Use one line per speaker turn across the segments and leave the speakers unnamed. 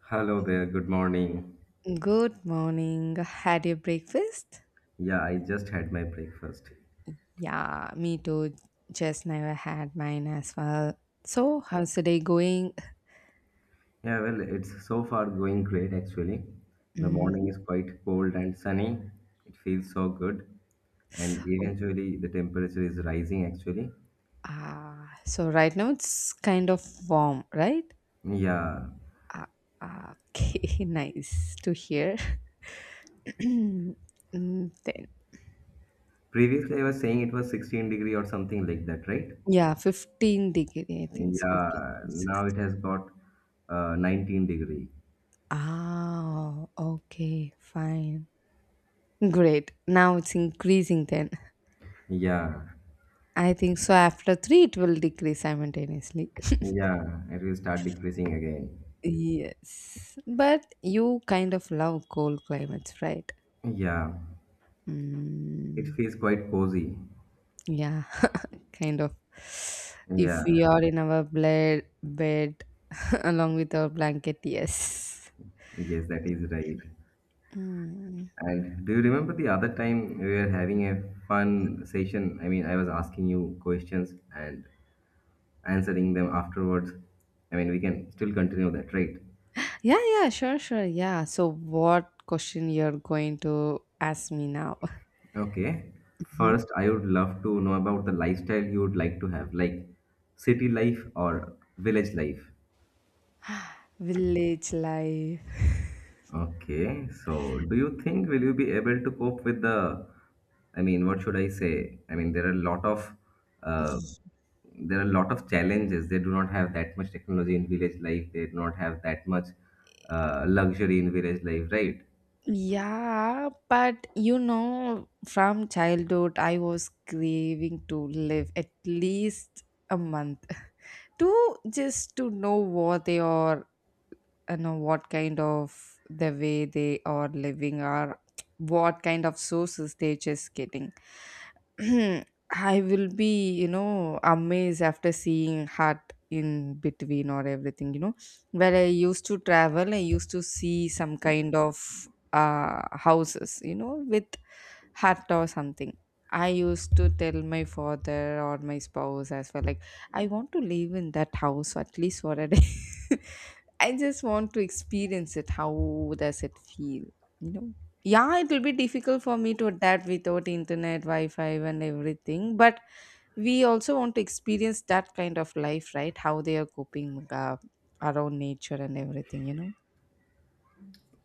Hello there, good morning.
Good morning. Had your breakfast?
Yeah, I just had my breakfast.
Yeah, me too. Just never had mine as well. So, how's the day going?
Yeah, well, it's so far going great actually. The
Hmm.
morning is quite cold and sunny. It feels so good. And
Oh,
eventually the temperature is rising actually.
ah, so right now it's kind of warm, right?
Yeah.
Ah, ah, okay, nice to hear. Mm, then,
Previously I was saying it was 16 degree or something like that, right?
yeah, 15 degree, I think. So, 15
Yeah,
to
now it
16.
has got 19 degree.
Ah, okay, fine. Great. Now it's increasing then.
Yeah.
I think so. After three, it will decrease simultaneously.
Yeah, it will start decreasing again.
Yes, but you kind of love cold climates, right?
Yeah. It
Mm,
feels quite cozy.
yeah, kind of. If
Yeah.
we are in our bed along with our blanket, yes.
Yes, that is right.
Mm.
And do you remember the other time we were having a fun session? I mean, I was asking you questions and answering them afterwards. I mean, we can still continue that, right?
Yeah, yeah, sure, sure. Yeah. So, what question you're going to ask me now?
Okay.
Mhm.
First, I would love to know about the lifestyle you would like to have, like city life or village life.
Village life.
Okay, so do you think will you be able to cope with the, I mean, what should I say? I mean, there are a lot of, uh, there are a lot of challenges. They do not have that much technology in village life. They do not have that much luxury in village life, right?
Yeah, but you know, from childhood, I was craving to live at least a month to just to know what they are you know what kind of the way they are living or what kind of sources they just getting. I will be, you know, amazed after seeing heart in between or everything, you know, where I used to travel I used to see some kind of houses, you know, with hut or something. I used to tell my father or my spouse as well like I want to live in that house at least for a day. I just want to experience it. How does it feel? You know? Yeah, it will be difficult for me to adapt without internet, Wi Fi, and everything. But we also want to experience that kind of life, right? How they are coping around nature and everything, you know?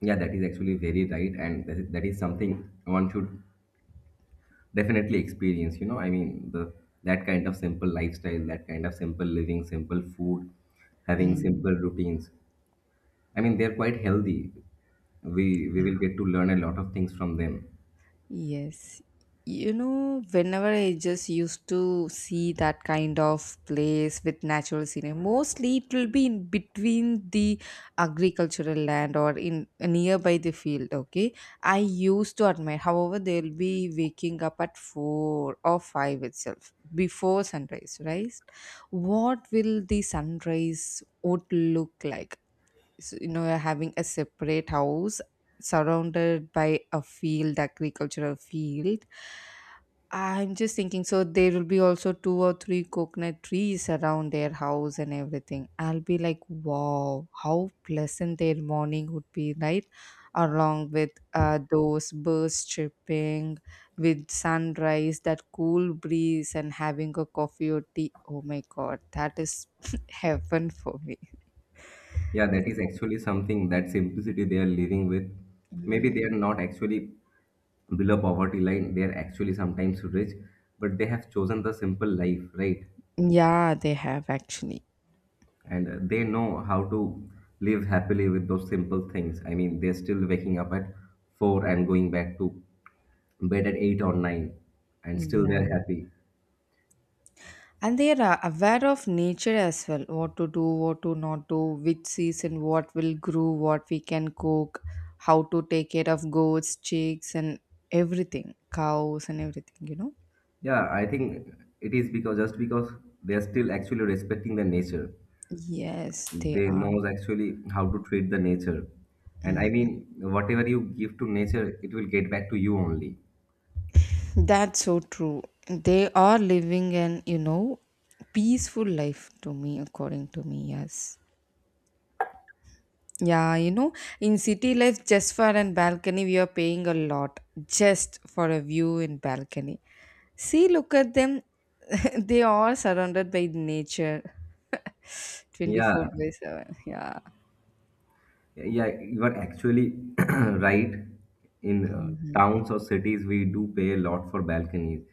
Yeah, that is actually very right, and that is something one should definitely experience. You know, I mean, the that kind of simple lifestyle, that kind of simple living, simple food, having
Mm.
simple routines. I mean, they're quite healthy. We
Yeah.
will get to learn a lot of things from them.
Yes. You know, whenever I just used to see that kind of place with natural scenery, mostly it will be in between the agricultural land or in nearby the field. Okay, I used to admire. However, they'll be waking up at 4 or 5 itself before sunrise. Right? What will the sunrise would look like? You know, having a separate house surrounded by a field, agricultural field. I'm just thinking so there will be also two or three coconut trees around their house and everything. I'll be like wow, how pleasant their morning would be, right, along with those birds chirping with sunrise, that cool breeze and having a coffee or tea. Oh my god, that is heaven for me.
Yeah,
It
that
is
is
like,
actually something that simplicity they are living with. Maybe they are
mm.
not actually below poverty line. They are actually sometimes rich, but they have chosen the simple life, right?
Yeah, they have actually.
And they know how to live happily with those simple things. I mean, they're still waking up at four and going back to bed at eight or nine, and still
Yeah.
they're happy.
And they are aware of nature as well. What to do, what to not do, which season, what will grow, what we can cook, how to take care of goats, chicks, and everything, cows, and everything, you know?
Yeah, I think it is because just because they are still actually respecting the nature.
Yes, they
They
are.
knows actually how to treat the nature. And I
Mm.
mean, whatever you give to nature, it will get back to you only.
That's so true. They are living an, you know, peaceful life to me, according to me, yes. Yeah, you know, in city life, just for an balcony, we are paying a lot just for a view in balcony. See, look at them. They are surrounded by nature
Yeah,
24 by 7. Yeah.
yeah, you are actually right. In
Mhm.
towns or cities, we do pay a lot for balconies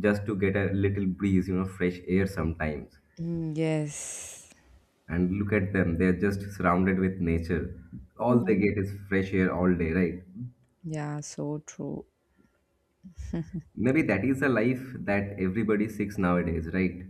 just to get a little breeze, you know, fresh air sometimes.
Mm, yes.
And look at them, they're just surrounded with nature. All they
Hmm.
get is fresh air all day, right?
Yeah, so true.
Maybe that is a life that everybody seeks nowadays, right?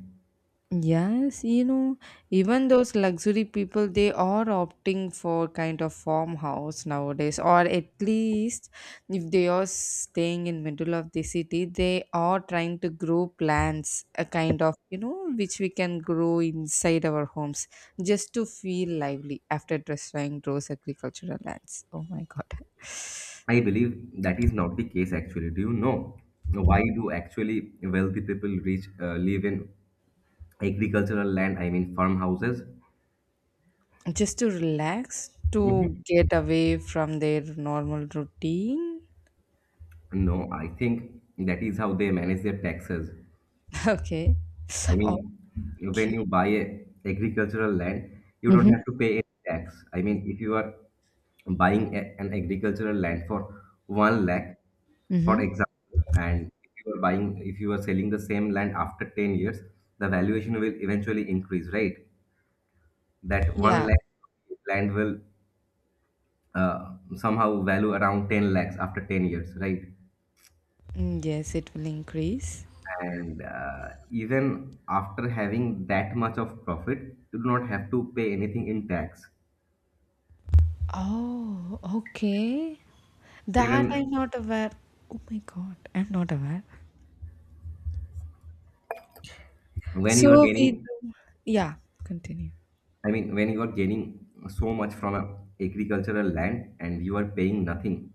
Yes, you know, even those luxury people, they are opting for kind of farmhouse nowadays, or at least if they are staying in middle of the city, they are trying to grow plants, a kind of, you know, which we can grow inside our homes just to feel lively after destroying those agricultural lands. Oh my God.
I believe that is not the case actually. Do you know why
Mm.
do actually wealthy people reach live in agricultural land? I mean farmhouses.
Just to relax,
Mhm.
to get away from their normal routine.
No, I think that is how they manage their taxes.
Okay.
I mean, when
Okay.
you buy a agricultural land, you don't
Mm-hmm.
have to pay any tax. I mean, if you are buying an agricultural land for one lakh, for
Mm-hmm.
example, and if you are buying, if you are selling the same land after 10 years, the valuation will eventually increase, right? That one
Yeah.
lakh land will somehow value around 10 lakhs after 10 years, right?
Mm, yes, it will increase.
And even after having that much of profit, you do not have to pay anything in tax.
Oh, okay. That I'm
Even
not aware. Oh my God, I'm not aware.
when you are
So we
gaining,
do. Yeah, continue.
I mean, when you are gaining so much from a agricultural land and you are paying nothing,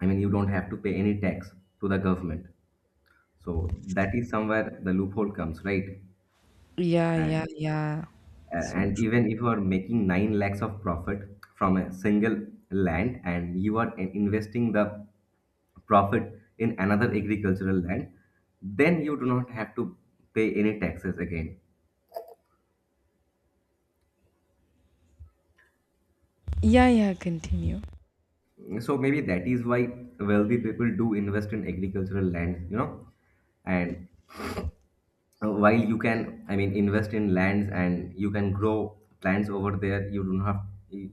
I mean, you don't have to pay any tax to the government. So that is somewhere the loophole comes, right?
Yeah, yeah,
And
yeah. So
and
true.
even if you are making nine lakhs of profit from a single land and you are investing the profit in another agricultural land, then you do not have to pay any taxes again.
Yeah, yeah, continue.
So maybe that is why wealthy people do invest in agricultural land, you know, and uh, while you can I mean invest in lands and you can grow plants over there, you don't have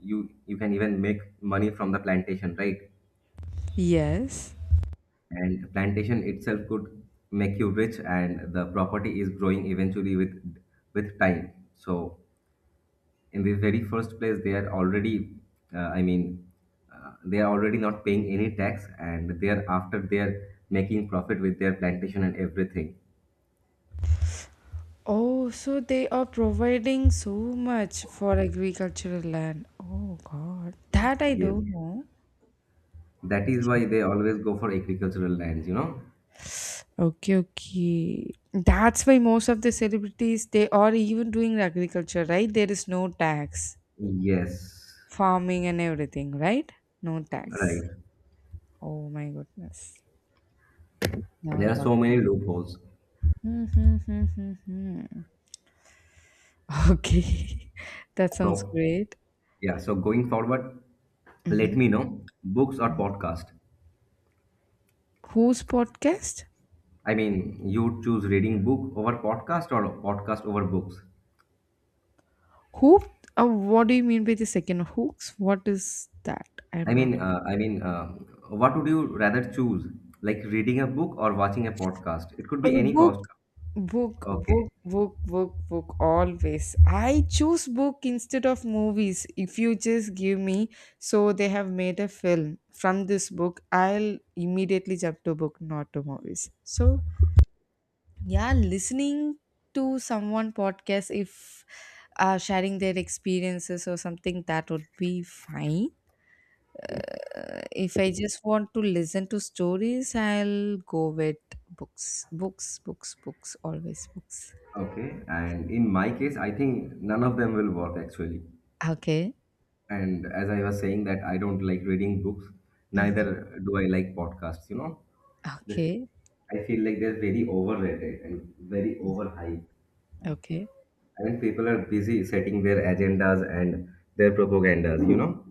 you can even make money from the plantation, right?
Yes.
And plantation itself could make you rich, and the property is growing eventually with time. So in the very first place they are already uh, i mean they are already not paying any tax, and thereafter they are making profit with their plantation and everything.
Oh, so they are providing so much for agricultural land. Oh God, that I
Yes,
don't know.
that is why they always go for agricultural lands, you know.
Okay, okay. That's why most of the celebrities they are even doing agriculture, right? There is no tax,
Yes,
farming and everything, right? No tax.
right.
Oh my goodness. Now I
There are
got
so many
it.
loopholes.
Mhm. Okay, that sounds
So,
great.
yeah, so going forward, let
Mhm.
me know books or podcast.
Whose podcast?
I mean, you choose reading book over podcast or podcast over books.
Who? What do you mean by the second hooks? What is that? I'm
I
not.
mean, uh, I mean, uh, what would you rather choose? Like reading a book or watching a podcast? It could
A
be any
book.
podcast.
Book,
Okay,
book, book, book, book, always. I choose book instead of movies. If you just give me, so they have made a film from this book, I'll immediately jump to book, not to movies. So, yeah, listening to someone podcast, if sharing their experiences or something, that would be fine. If I just want to listen to stories, I'll go with books, books, books, books, always books.
okay. And in my case, I think none of them will work actually.
Okay.
And as I was saying that I don't like reading books,
Mm-hmm.
neither do I like podcasts, you know. This
Okay,
I feel like they're very overrated and very overhyped.
okay.
I mean people are busy setting their agendas and their propagandas, you know.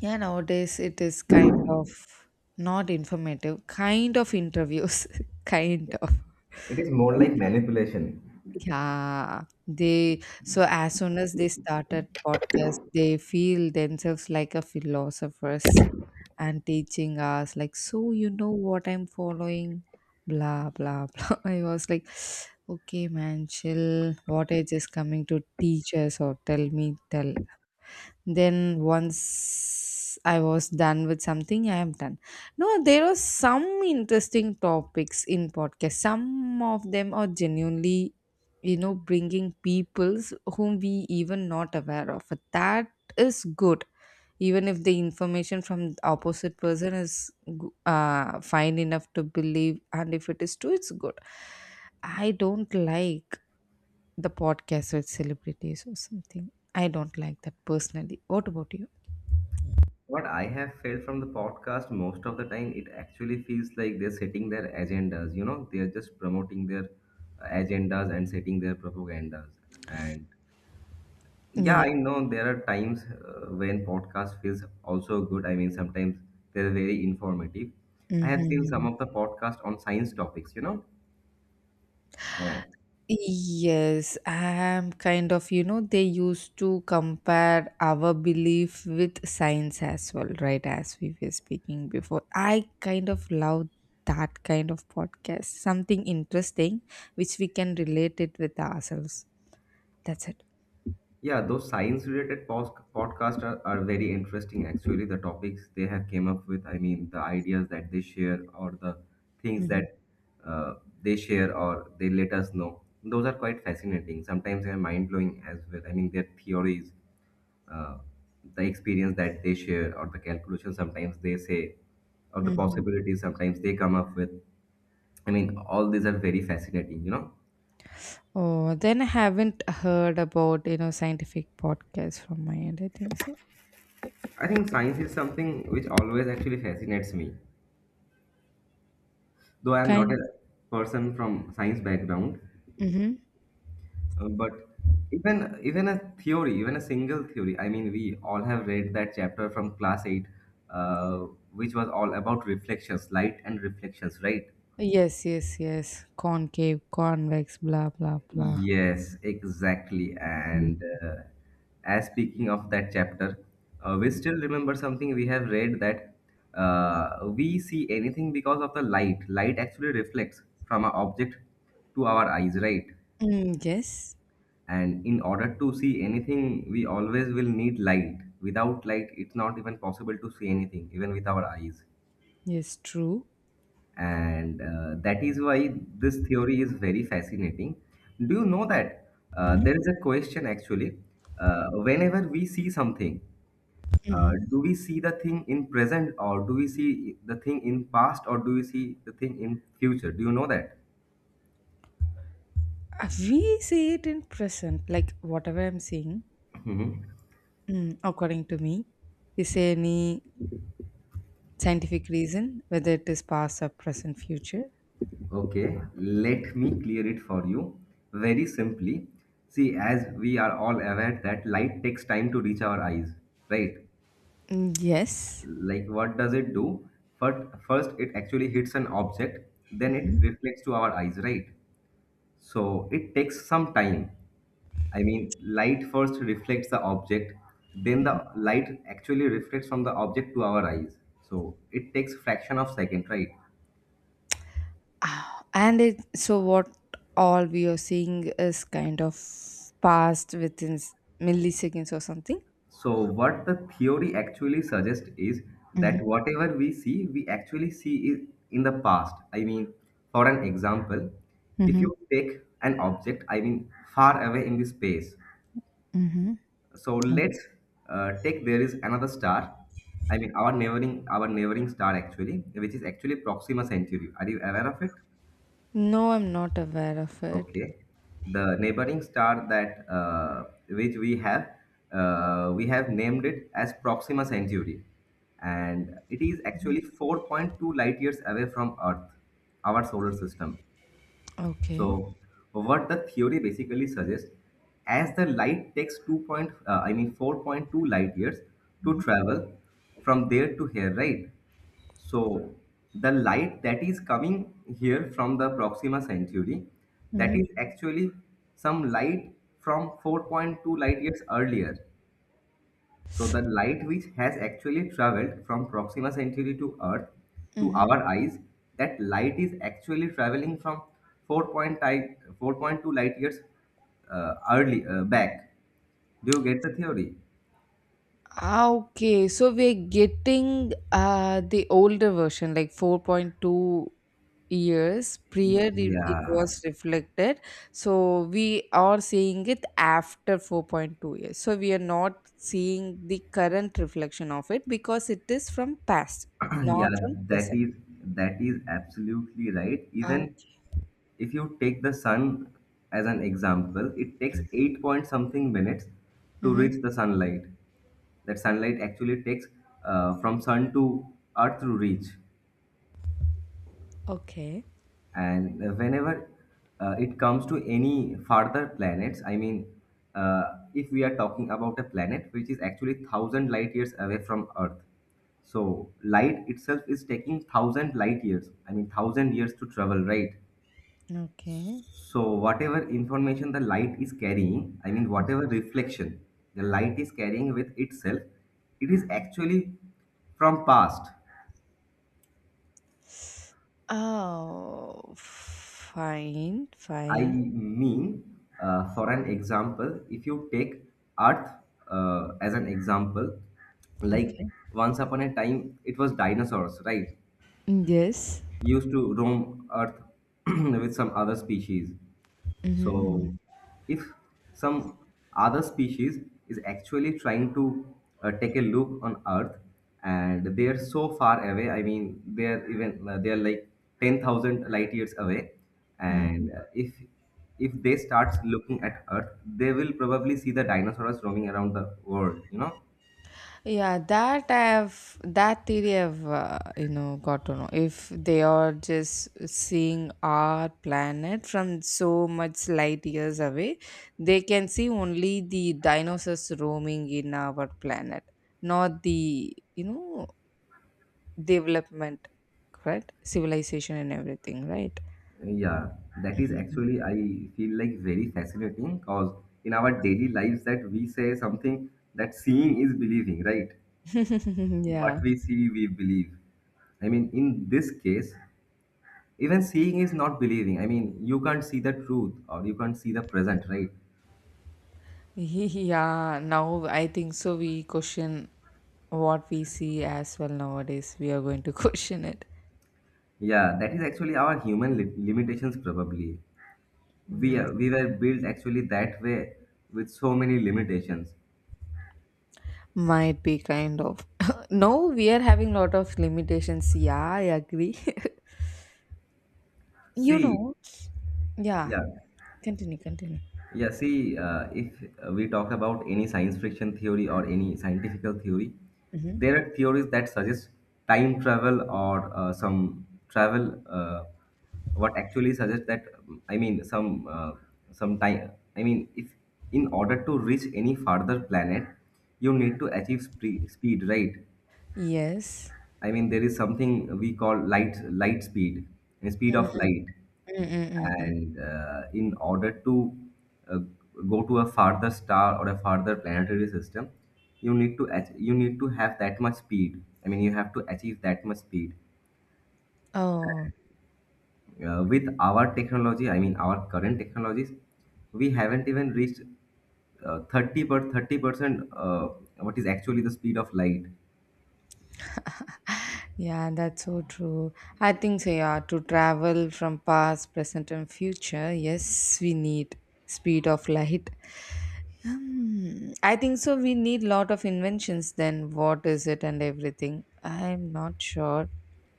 Yeah, nowadays it is kind of not informative, kind of interviews, kind of.
It is more like manipulation.
Yeah, they, so as soon as they started podcast, they feel themselves like a philosophers and teaching us like, so you know what I'm following, blah blah blah. I was like, okay, man, chill. What age is coming to teach us or tell me tell then once I was done with something I am done. No, there are some interesting topics in podcast, some of them are genuinely, you know, bringing peoples whom we even not aware of. That is good, even if the information from the opposite person is fine enough to believe, and if it is true it's good. I don't like the podcast with celebrities or something, I don't like that personally. What about you?
What I have felt from the podcast most of the time, it actually feels like they're setting their agendas, you know, they're just promoting their agendas and setting their propagandas. And yeah,
Yeah.
I know there are times when podcast feels also good. I mean, sometimes they're very informative. I have seen some
Mhm.
of the podcast on science topics, you know. Uh,
Yes, I'm kind of, you know, they used to compare our belief with science as well, right? As we were speaking before. I kind of love that kind of podcast. Something interesting which we can relate it with ourselves. That's it.
yeah, those science related podcasts are very interesting actually. The topics they have came up with, I mean, the ideas that they share or the things
Hmm.
that uh, they share or they let us know. Those are quite fascinating. Sometimes they're mind blowing as well. I mean, their theories, uh, the experience that they share or the calculation sometimes they say or the
Hmm.
possibilities sometimes they come up with, I mean all these are very fascinating, you know.
Oh, then I haven't heard about, you know, scientific podcasts from my end, I think so.
I think science is something which always actually fascinates me, though I am not
Kind.
a person from science background.
Mm-hmm.
But even a theory, even a single theory, I mean we all have read that chapter from class 8, uh, which was all about reflections light and reflections, right?
Yes, yes, yes. Concave, convex, blah, blah, blah.
Yes, exactly.
Mm.
And as speaking of that chapter, we
Mm.
still remember something we have read that we see anything because of the light. Light actually reflects from an object to our eyes, right?
Mm, yes,
And in order to see anything, we always will need light. Without light, it's not even possible to see anything, even with our eyes.
yes, true.
And that is why this theory is very fascinating. Do you know that
Hmm.
there is a question actually? Whenever we see something,
Hmm.
do we see the thing in present, or do we see the thing in past, or do we see the thing in future? Do you know that?
We see it in present, like whatever I'm seeing,
Mhm.
mm, according to me, is there any scientific reason whether it is past or present, future?
Okay, let me clear it for you very simply. See, as we are all aware that light takes time to reach our eyes, right?
Mm, yes.
Like what does it do? First first it actually hits an object, then it reflects to our eyes, right? So it takes some time. I mean light first reflects the object, then the light actually reflects from the object to our eyes. So it takes fraction of second, right?
Ah, and it, so what all we are seeing is kind of past within milliseconds or something.
So, what the theory actually suggests is that
Mm-hmm.
whatever we see, we actually see it in the past. I mean, for an example, if
Mm-hmm.
you take an object, I mean, far away in the space.
Mm-hmm.
So let's take there is another star. I mean, our neighboring star actually, which is actually Proxima Centauri. Are you aware of it?
No, I'm not aware of it.
Okay. The neighboring star that which we have named it as Proxima Centauri, and it is actually 4.2 light years away from Earth, our solar system.
Okay.
So, what the theory basically suggests, as the light takes 2 point, uh, I mean 4.2 light years to
Mm-hmm.
travel from there to here, right? So the light that is coming here from the Proxima Centauri, that is actually some light from 4.2 light years earlier. So the light which has actually traveled from Proxima Centauri to Earth to
Mm-hmm.
our eyes, that light is actually traveling from 4.5 4.2 light years early back. Do you get the theory?
Okay, so we're getting the older version, like 4.2 years prior it
Yeah,
was reflected. So we are seeing it after 4.2 years. So we are not seeing the current reflection of it because it is from past,
yeah,
not from
that
present.
is that is absolutely right. Even
Okay.
if you take the sun as an example, it takes 8 point something minutes to
Mm-hmm.
reach the sunlight. That sunlight actually takes from sun to earth to reach.
Okay.
And whenever it comes to any farther planets, I mean, if we are talking about a planet which is actually 1,000 light years away from earth. So light itself is taking 1,000 light years, I mean, 1,000 years to travel, right?
Okay.
So whatever information the light is carrying, I mean whatever reflection the light is carrying with itself, it is actually from past.
Oh, fine,
I
fine.
mean, for an example, if you take Earth as an example, like
Okay.
once upon a time it was dinosaurs, right?
Yes.
Used to roam Earth with some other species. So,
Mm-hmm.
if some other species is actually trying to take a look on Earth, and they are so far away. I mean, they are even they are like 10,000 light years away, and
Hmm.
if they start looking at Earth, they will probably see the dinosaurs roaming around the world.
Yeah, that I've that theory I've you know got to know, if they are just seeing our planet from so much light years away, they can see only the dinosaurs roaming in our planet, not the, you know, development, correct? Civilization and everything, right?
Yeah, that is actually, I feel like, very fascinating because in our daily lives, that we say something, that seeing is believing, right?
Hmm.
What
Yeah.
we see, we believe. I mean, in this case, even seeing is not believing. I mean, you can't see the truth or you can't see the present, right?
Yeah, now I think so. We question what we see as well nowadays. We are going to question it.
Yeah, that is actually our human limitations probably.
Yes.
We were built actually that way, with so many limitations.
Might be kind of. No, we are having lot of limitations. Yeah, I agree. You
See.
know, yeah,
Yeah.
continue, continue.
Yeah, see, if we talk about any science fiction theory or any scientific theory,
Hmm.
there are theories that suggest time travel or some travel. What actually suggests that I mean, some time. I mean, if in order to reach any farther planet, you need to achieve speed, right?
Yes.
I mean, there is something we call light speed, speed of light,
Mm-mm-mm-mm.
and in order to uh, go to a farther star or a farther planetary system, you need to you need to have that much speed. I mean, you have to achieve that much speed.
Oh.
With our technology, I mean, our current technologies, we haven't even reached 30 percent. What is actually the speed of light?
Yeah, that's so true. I think so, yeah, to travel from past, present, and future, yes, we need speed of light. Hmm, I think so. We need lot of inventions. Then what is it and everything? I'm not sure.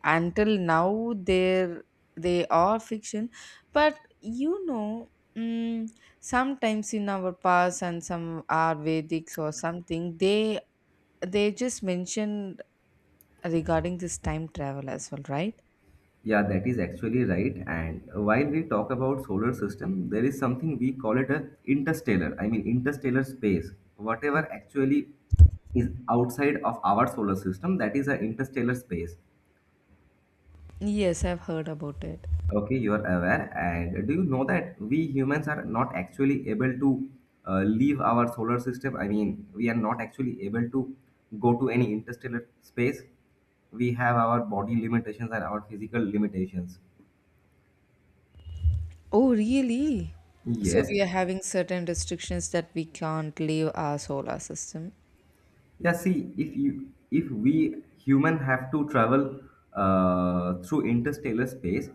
Until now, they are fiction, but you know, mm, sometimes in our past and some are Vedics or something, they just mentioned regarding this time travel as well, right?
Yeah, that is actually right. And while we talk about solar system, there is something we call it a interstellar. I mean, interstellar space. Whatever actually is outside of our solar system, that is a interstellar space.
Yes, I've heard about it.
Okay, you are aware. And do you know that we humans are not actually able to leave our solar system? I mean, we are not actually able to go to any interstellar space. We have our body limitations and our physical limitations.
Oh, really? So
Yes.
we are having certain restrictions that we can't leave our solar system.
Yeah, see, if we human have to travel through interstellar space,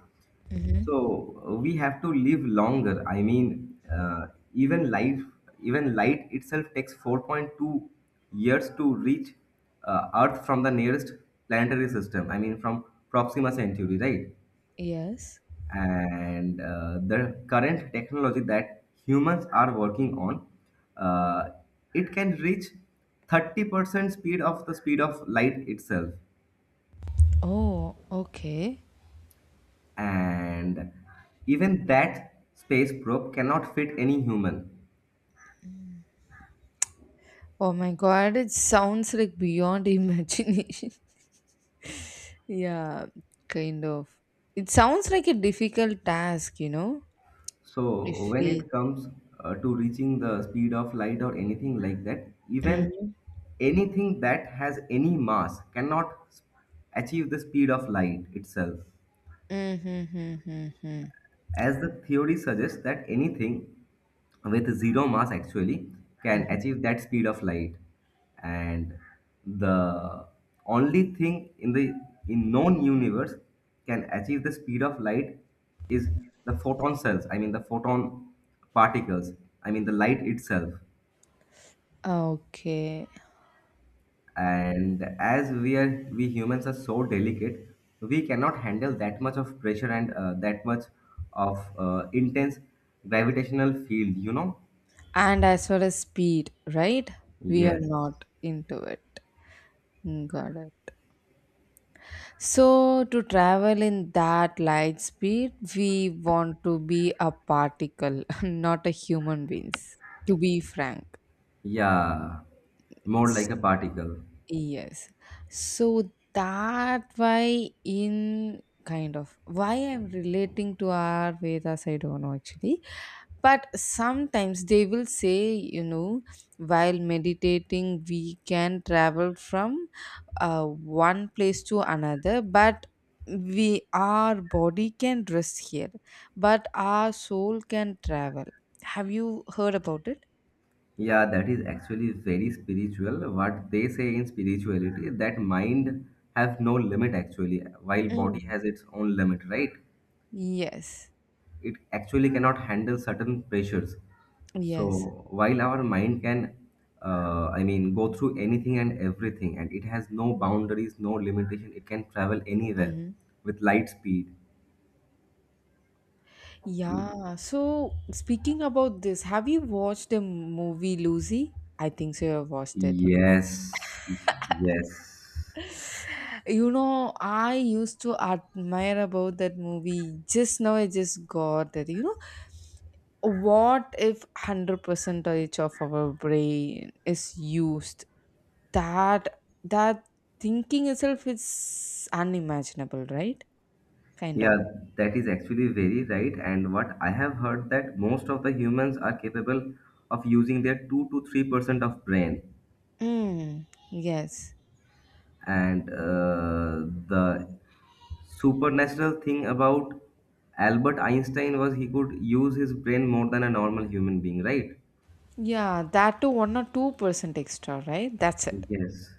Hmm.
so we have to live longer. I mean, even life, even light itself takes 4.2 years to reach Earth from the nearest planetary system. I mean, from Proxima Centauri, right?
Yes.
And the current technology that humans are working on, uh, it can reach 30% speed of the speed of light itself.
Oh, okay.
And even that space probe cannot fit any human.
Oh my God, it sounds like beyond imagination. Yeah, kind of. It sounds like a difficult task, you know?
So
If
when
we.
it comes to reaching the speed of light or anything like that, even
Mm-hmm.
anything that has any mass cannot achieve the speed of light itself,
Mm-hmm. Mm-hmm.
as the theory suggests that anything with zero mass actually can
Mm-hmm.
achieve that speed of light. And the only thing in the in known universe can achieve the speed of light is the photon cells. I mean, the photon particles. I mean, the light itself.
Okay.
And as we are we humans are so delicate, we cannot handle that much of pressure and that much of intense gravitational field, you know?
And as well as speed, right? We are
Yes.
not into it. Mm, got it. So, to travel in that light speed, we want to be a particle, not a human beings, to be frank.
Yeah, more
S-.
like a particle.
Yes. So, that why in kind of why I'm relating to our Vedas, I don't know actually. But sometimes they will say, you know, while meditating we can travel from one place to another, but we, our body can rest here but our soul can travel. Have you heard about it?
Yeah, that is actually very spiritual, what they say in spirituality, that mind have no limit actually, while body
Mm.
has its own limit, right?
Yes.
It actually cannot handle certain pressures.
Yes.
So while our mind can, I mean, go through anything and everything, and it has no boundaries, no limitation, it can travel anywhere
Hmm.
with light speed.
Yeah, so speaking about this, have you watched the movie Lucy? I think so you have watched it.
Yes, yes.
You know, I used to admire about that movie. Just now I just got that. What if 100% of our brain is used? That thinking itself is unimaginable, right? Kind
Yeah,
of.
that is actually very right. And what I have heard, that most of the humans are capable of using their 2 to 3% of brain.
Mm, yes.
And the supernatural thing about Albert Einstein was he could use his brain more than a normal human being, right?
Yeah, that to 1 or 2% extra, right? That's it.
Yes.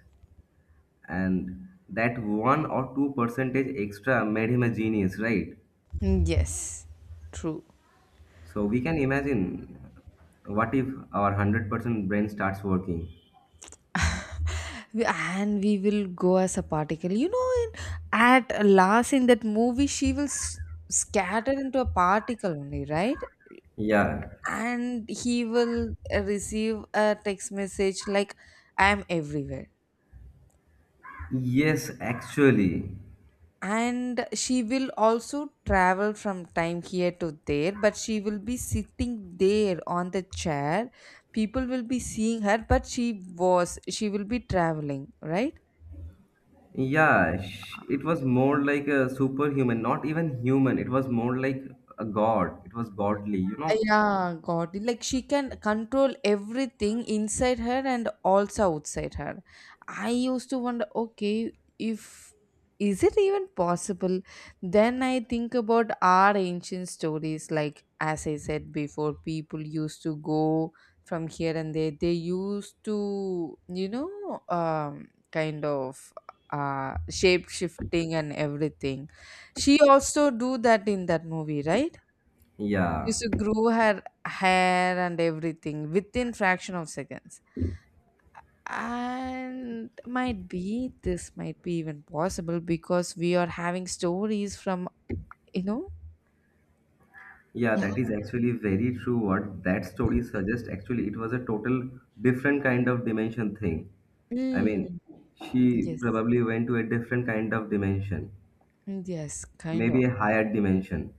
And that one or two percentage extra made him a genius, right?
Mm, yes, true.
So we can imagine, what if our 100% brain starts working?
And we will go as a particle, in, at last in that movie she will scatter into a particle only, right?
Yeah.
And he will receive a text message like, I am everywhere.
Yes, actually.
And she will also travel from time here to there, but she will be sitting there on the chair. People will be seeing her, but she will be traveling, right?
Yeah, it was more like a superhuman, not even human. It was more like a god. It was godly, you know?
Yeah, God. Like she can control everything inside her and also outside her. I used to wonder, okay, if, is it even possible? Then I think about our ancient stories. Like as I said before, people used to go from here and there. They used to, kind of, shape shifting and everything. She also do that in that movie, right?
Yeah.
Used to grow her hair and everything within fraction of seconds. And might be this might be even possible, because we are having stories from, you know
Yeah,
yeah.
that is actually very true. What that story suggests, actually, it was a total different kind of dimension thing. I mean,
Mm,
she
yes.
probably went to a different kind of dimension,
Mm, yes, kind of.
maybe a higher dimension.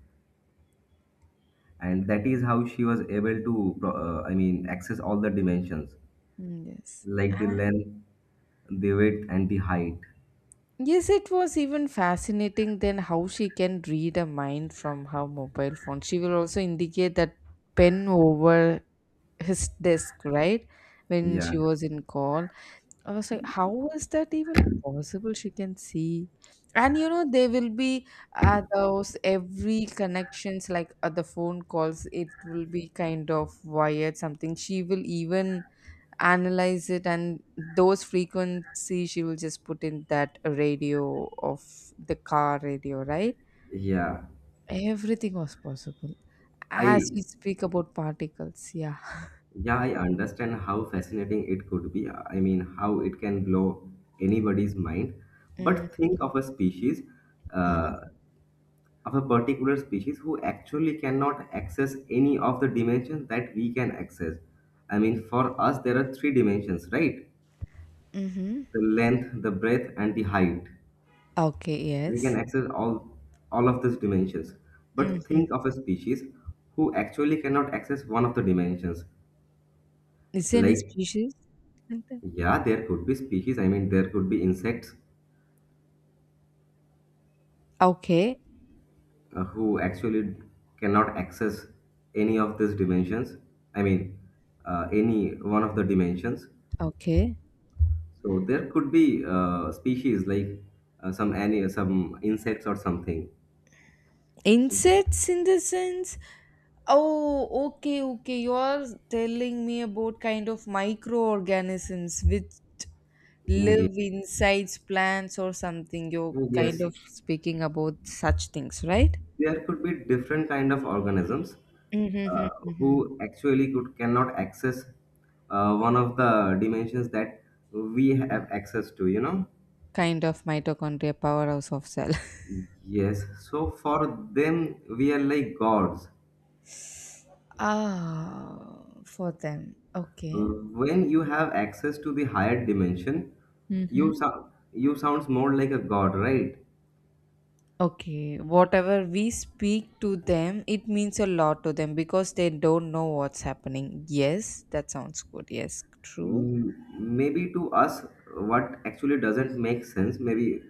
And that is how she was able to, I mean, access all the dimensions,
Mm, yes.
like the
Ah,
length, the width, and the height.
yes, it was even fascinating. Then how she can read a mind from her mobile phone? She will also indicate that pen over his desk, right, when
Yeah.
she was in call. I was like, how is that even possible? She can see. And you know, they will be at those every connections, like at the phone calls, it will be kind of wired something. She will even analyze it, and those frequency she will just put in that radio of the car radio, right?
Yeah,
Everything was possible. As
I
we speak about particles, yeah.
yeah, I understand how fascinating it could be. I mean, how it can blow anybody's mind. But
Mm-hmm.
think of a species, uh, of a particular species who actually cannot access any of the dimensions that we can access. I mean, for us, there are three dimensions, right?
Mm-hmm.
The length, the breadth, and the height.
Okay,
We can
yes.
access all of these dimensions. But
Hmm.
think of a species who actually cannot access one of the dimensions,
Is there any
like.
species like that?
Yeah, there could be species. I mean, there could be insects
Okay,
who actually cannot access any of these dimensions. I mean, any one of the dimensions.
okay.
So there could be species like some insects or something.
Insects in the sense, oh, okay, okay. You're telling me about kind of microorganisms which
Mm, yeah.
live inside plants or something. You're kind
Yes,
of speaking about such things, right?
there could be different kind of organisms uh,
Mm-hmm.
who actually could cannot access one of the dimensions that we have access to, you know.
Kind of mitochondria, powerhouse of cell.
Yes, so for them, we are like gods.
Ah, for them. Okay.
When you have access to the higher dimension,
Mm-hmm.
you sounds more like a god, right?
Okay, whatever we speak to them, it means a lot to them because they don't know what's happening. Yes, that sounds good. Yes, true.
Mm, maybe to us, what actually doesn't make sense. Maybe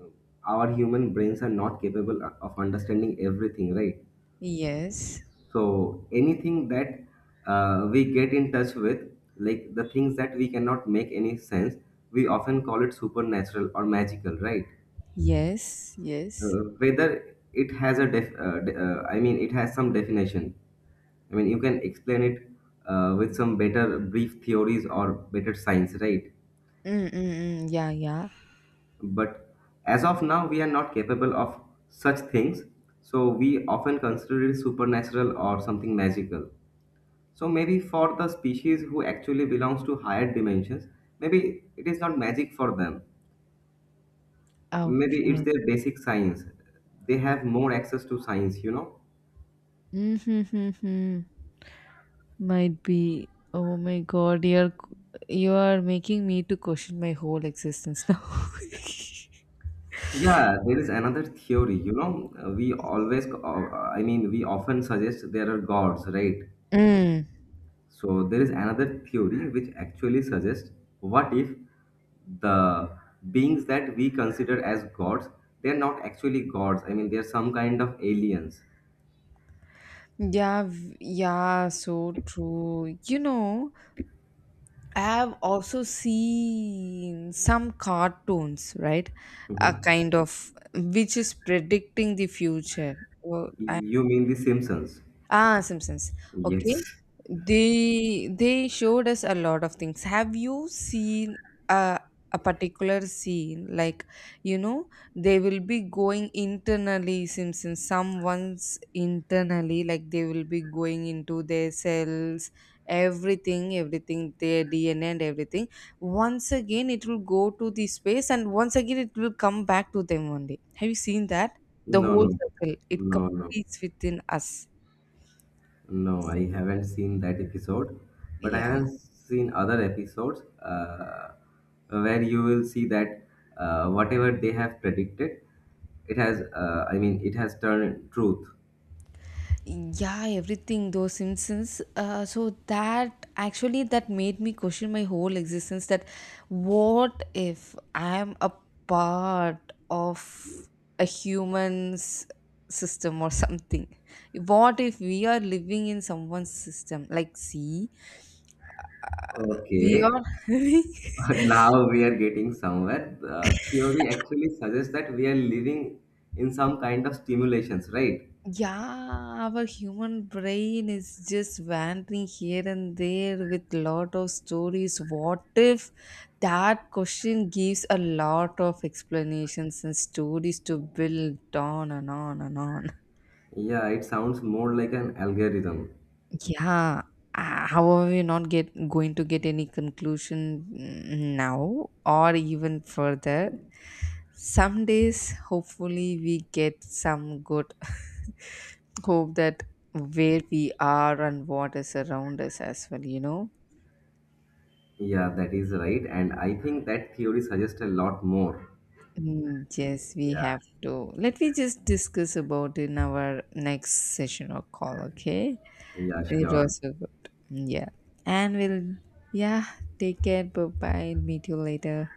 uh, our human brains are not capable of understanding everything, right?
Yes,
So anything that we get in touch with, like the things that we cannot make any sense, we often call it supernatural or magical, right?
yes, yes.
Whether it has a I mean, it has some definition. I mean, you can explain it with some better brief theories or better science, right?
Mm, mm, mm. Yeah, yeah.
But as of now, we are not capable of such things, so we often consider it supernatural or something magical. So maybe for the species who actually belongs to higher dimensions, maybe it is not magic for them. Maybe it's
Okay.
their basic science. They have more access to science, you know.
Mm-hmm. Might be. Oh my God, you are making me to question my whole existence now.
Yeah, there is another theory. You know, I mean, we often suggest there are gods, right?
Mm.
So there is another theory which actually suggests, what if the beings that we consider as gods, they're not actually gods. I mean, they're some kind of aliens.
Yeah, yeah, so true. You know, I have also seen some cartoons, right? A
Mhm.
kind of which is predicting the future. Well, I.
You mean the Simpsons?
Ah, Simpsons. Okay.
Yes.
They showed us a lot of things. Have you seen a particular scene like, you know, they will be going internally, Simpsons, someone's internally, like they will be going into their cells, everything their DNA and everything. Once again it will go to the space, and once again it will come back to them one day. Have you seen that? The
No,
whole
no,
circle it
no, no.
completes within us.
No, I haven't seen that episode, but I
Yeah.
haven't seen other episodes where you will see that whatever they have predicted, it has, I mean, it has turned truth.
Yeah, everything those Simpsons, so that actually that made me question my whole existence, that what if I am a part of a human's system or something? What if we are living in someone's system, like see, we
Okay,
are
now we are getting somewhere. The theory actually suggests that we are living in some kind of stimulations, right?
Yeah, our human brain is just wandering here and there with lot of stories. What if that question gives a lot of explanations and stories to build on and on and on?
Yeah, it sounds more like an algorithm.
Yeah. How are we not get going to get any conclusion mm, now or even further? Some days, hopefully, we get some good. Hope that where we are and what is around us as well, you know.
Yeah, that is right, and I think that theory suggests a lot more.
Mm, yes, we
Yeah,
have to, let me just discuss about in our next session or call, okay?
yeah,
It
sure.
was so good, yeah. And we'll, yeah, take care, bye bye, meet you later.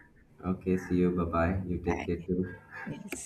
Okay, see you. Bye bye. You
Bye.
take care too.
Yes.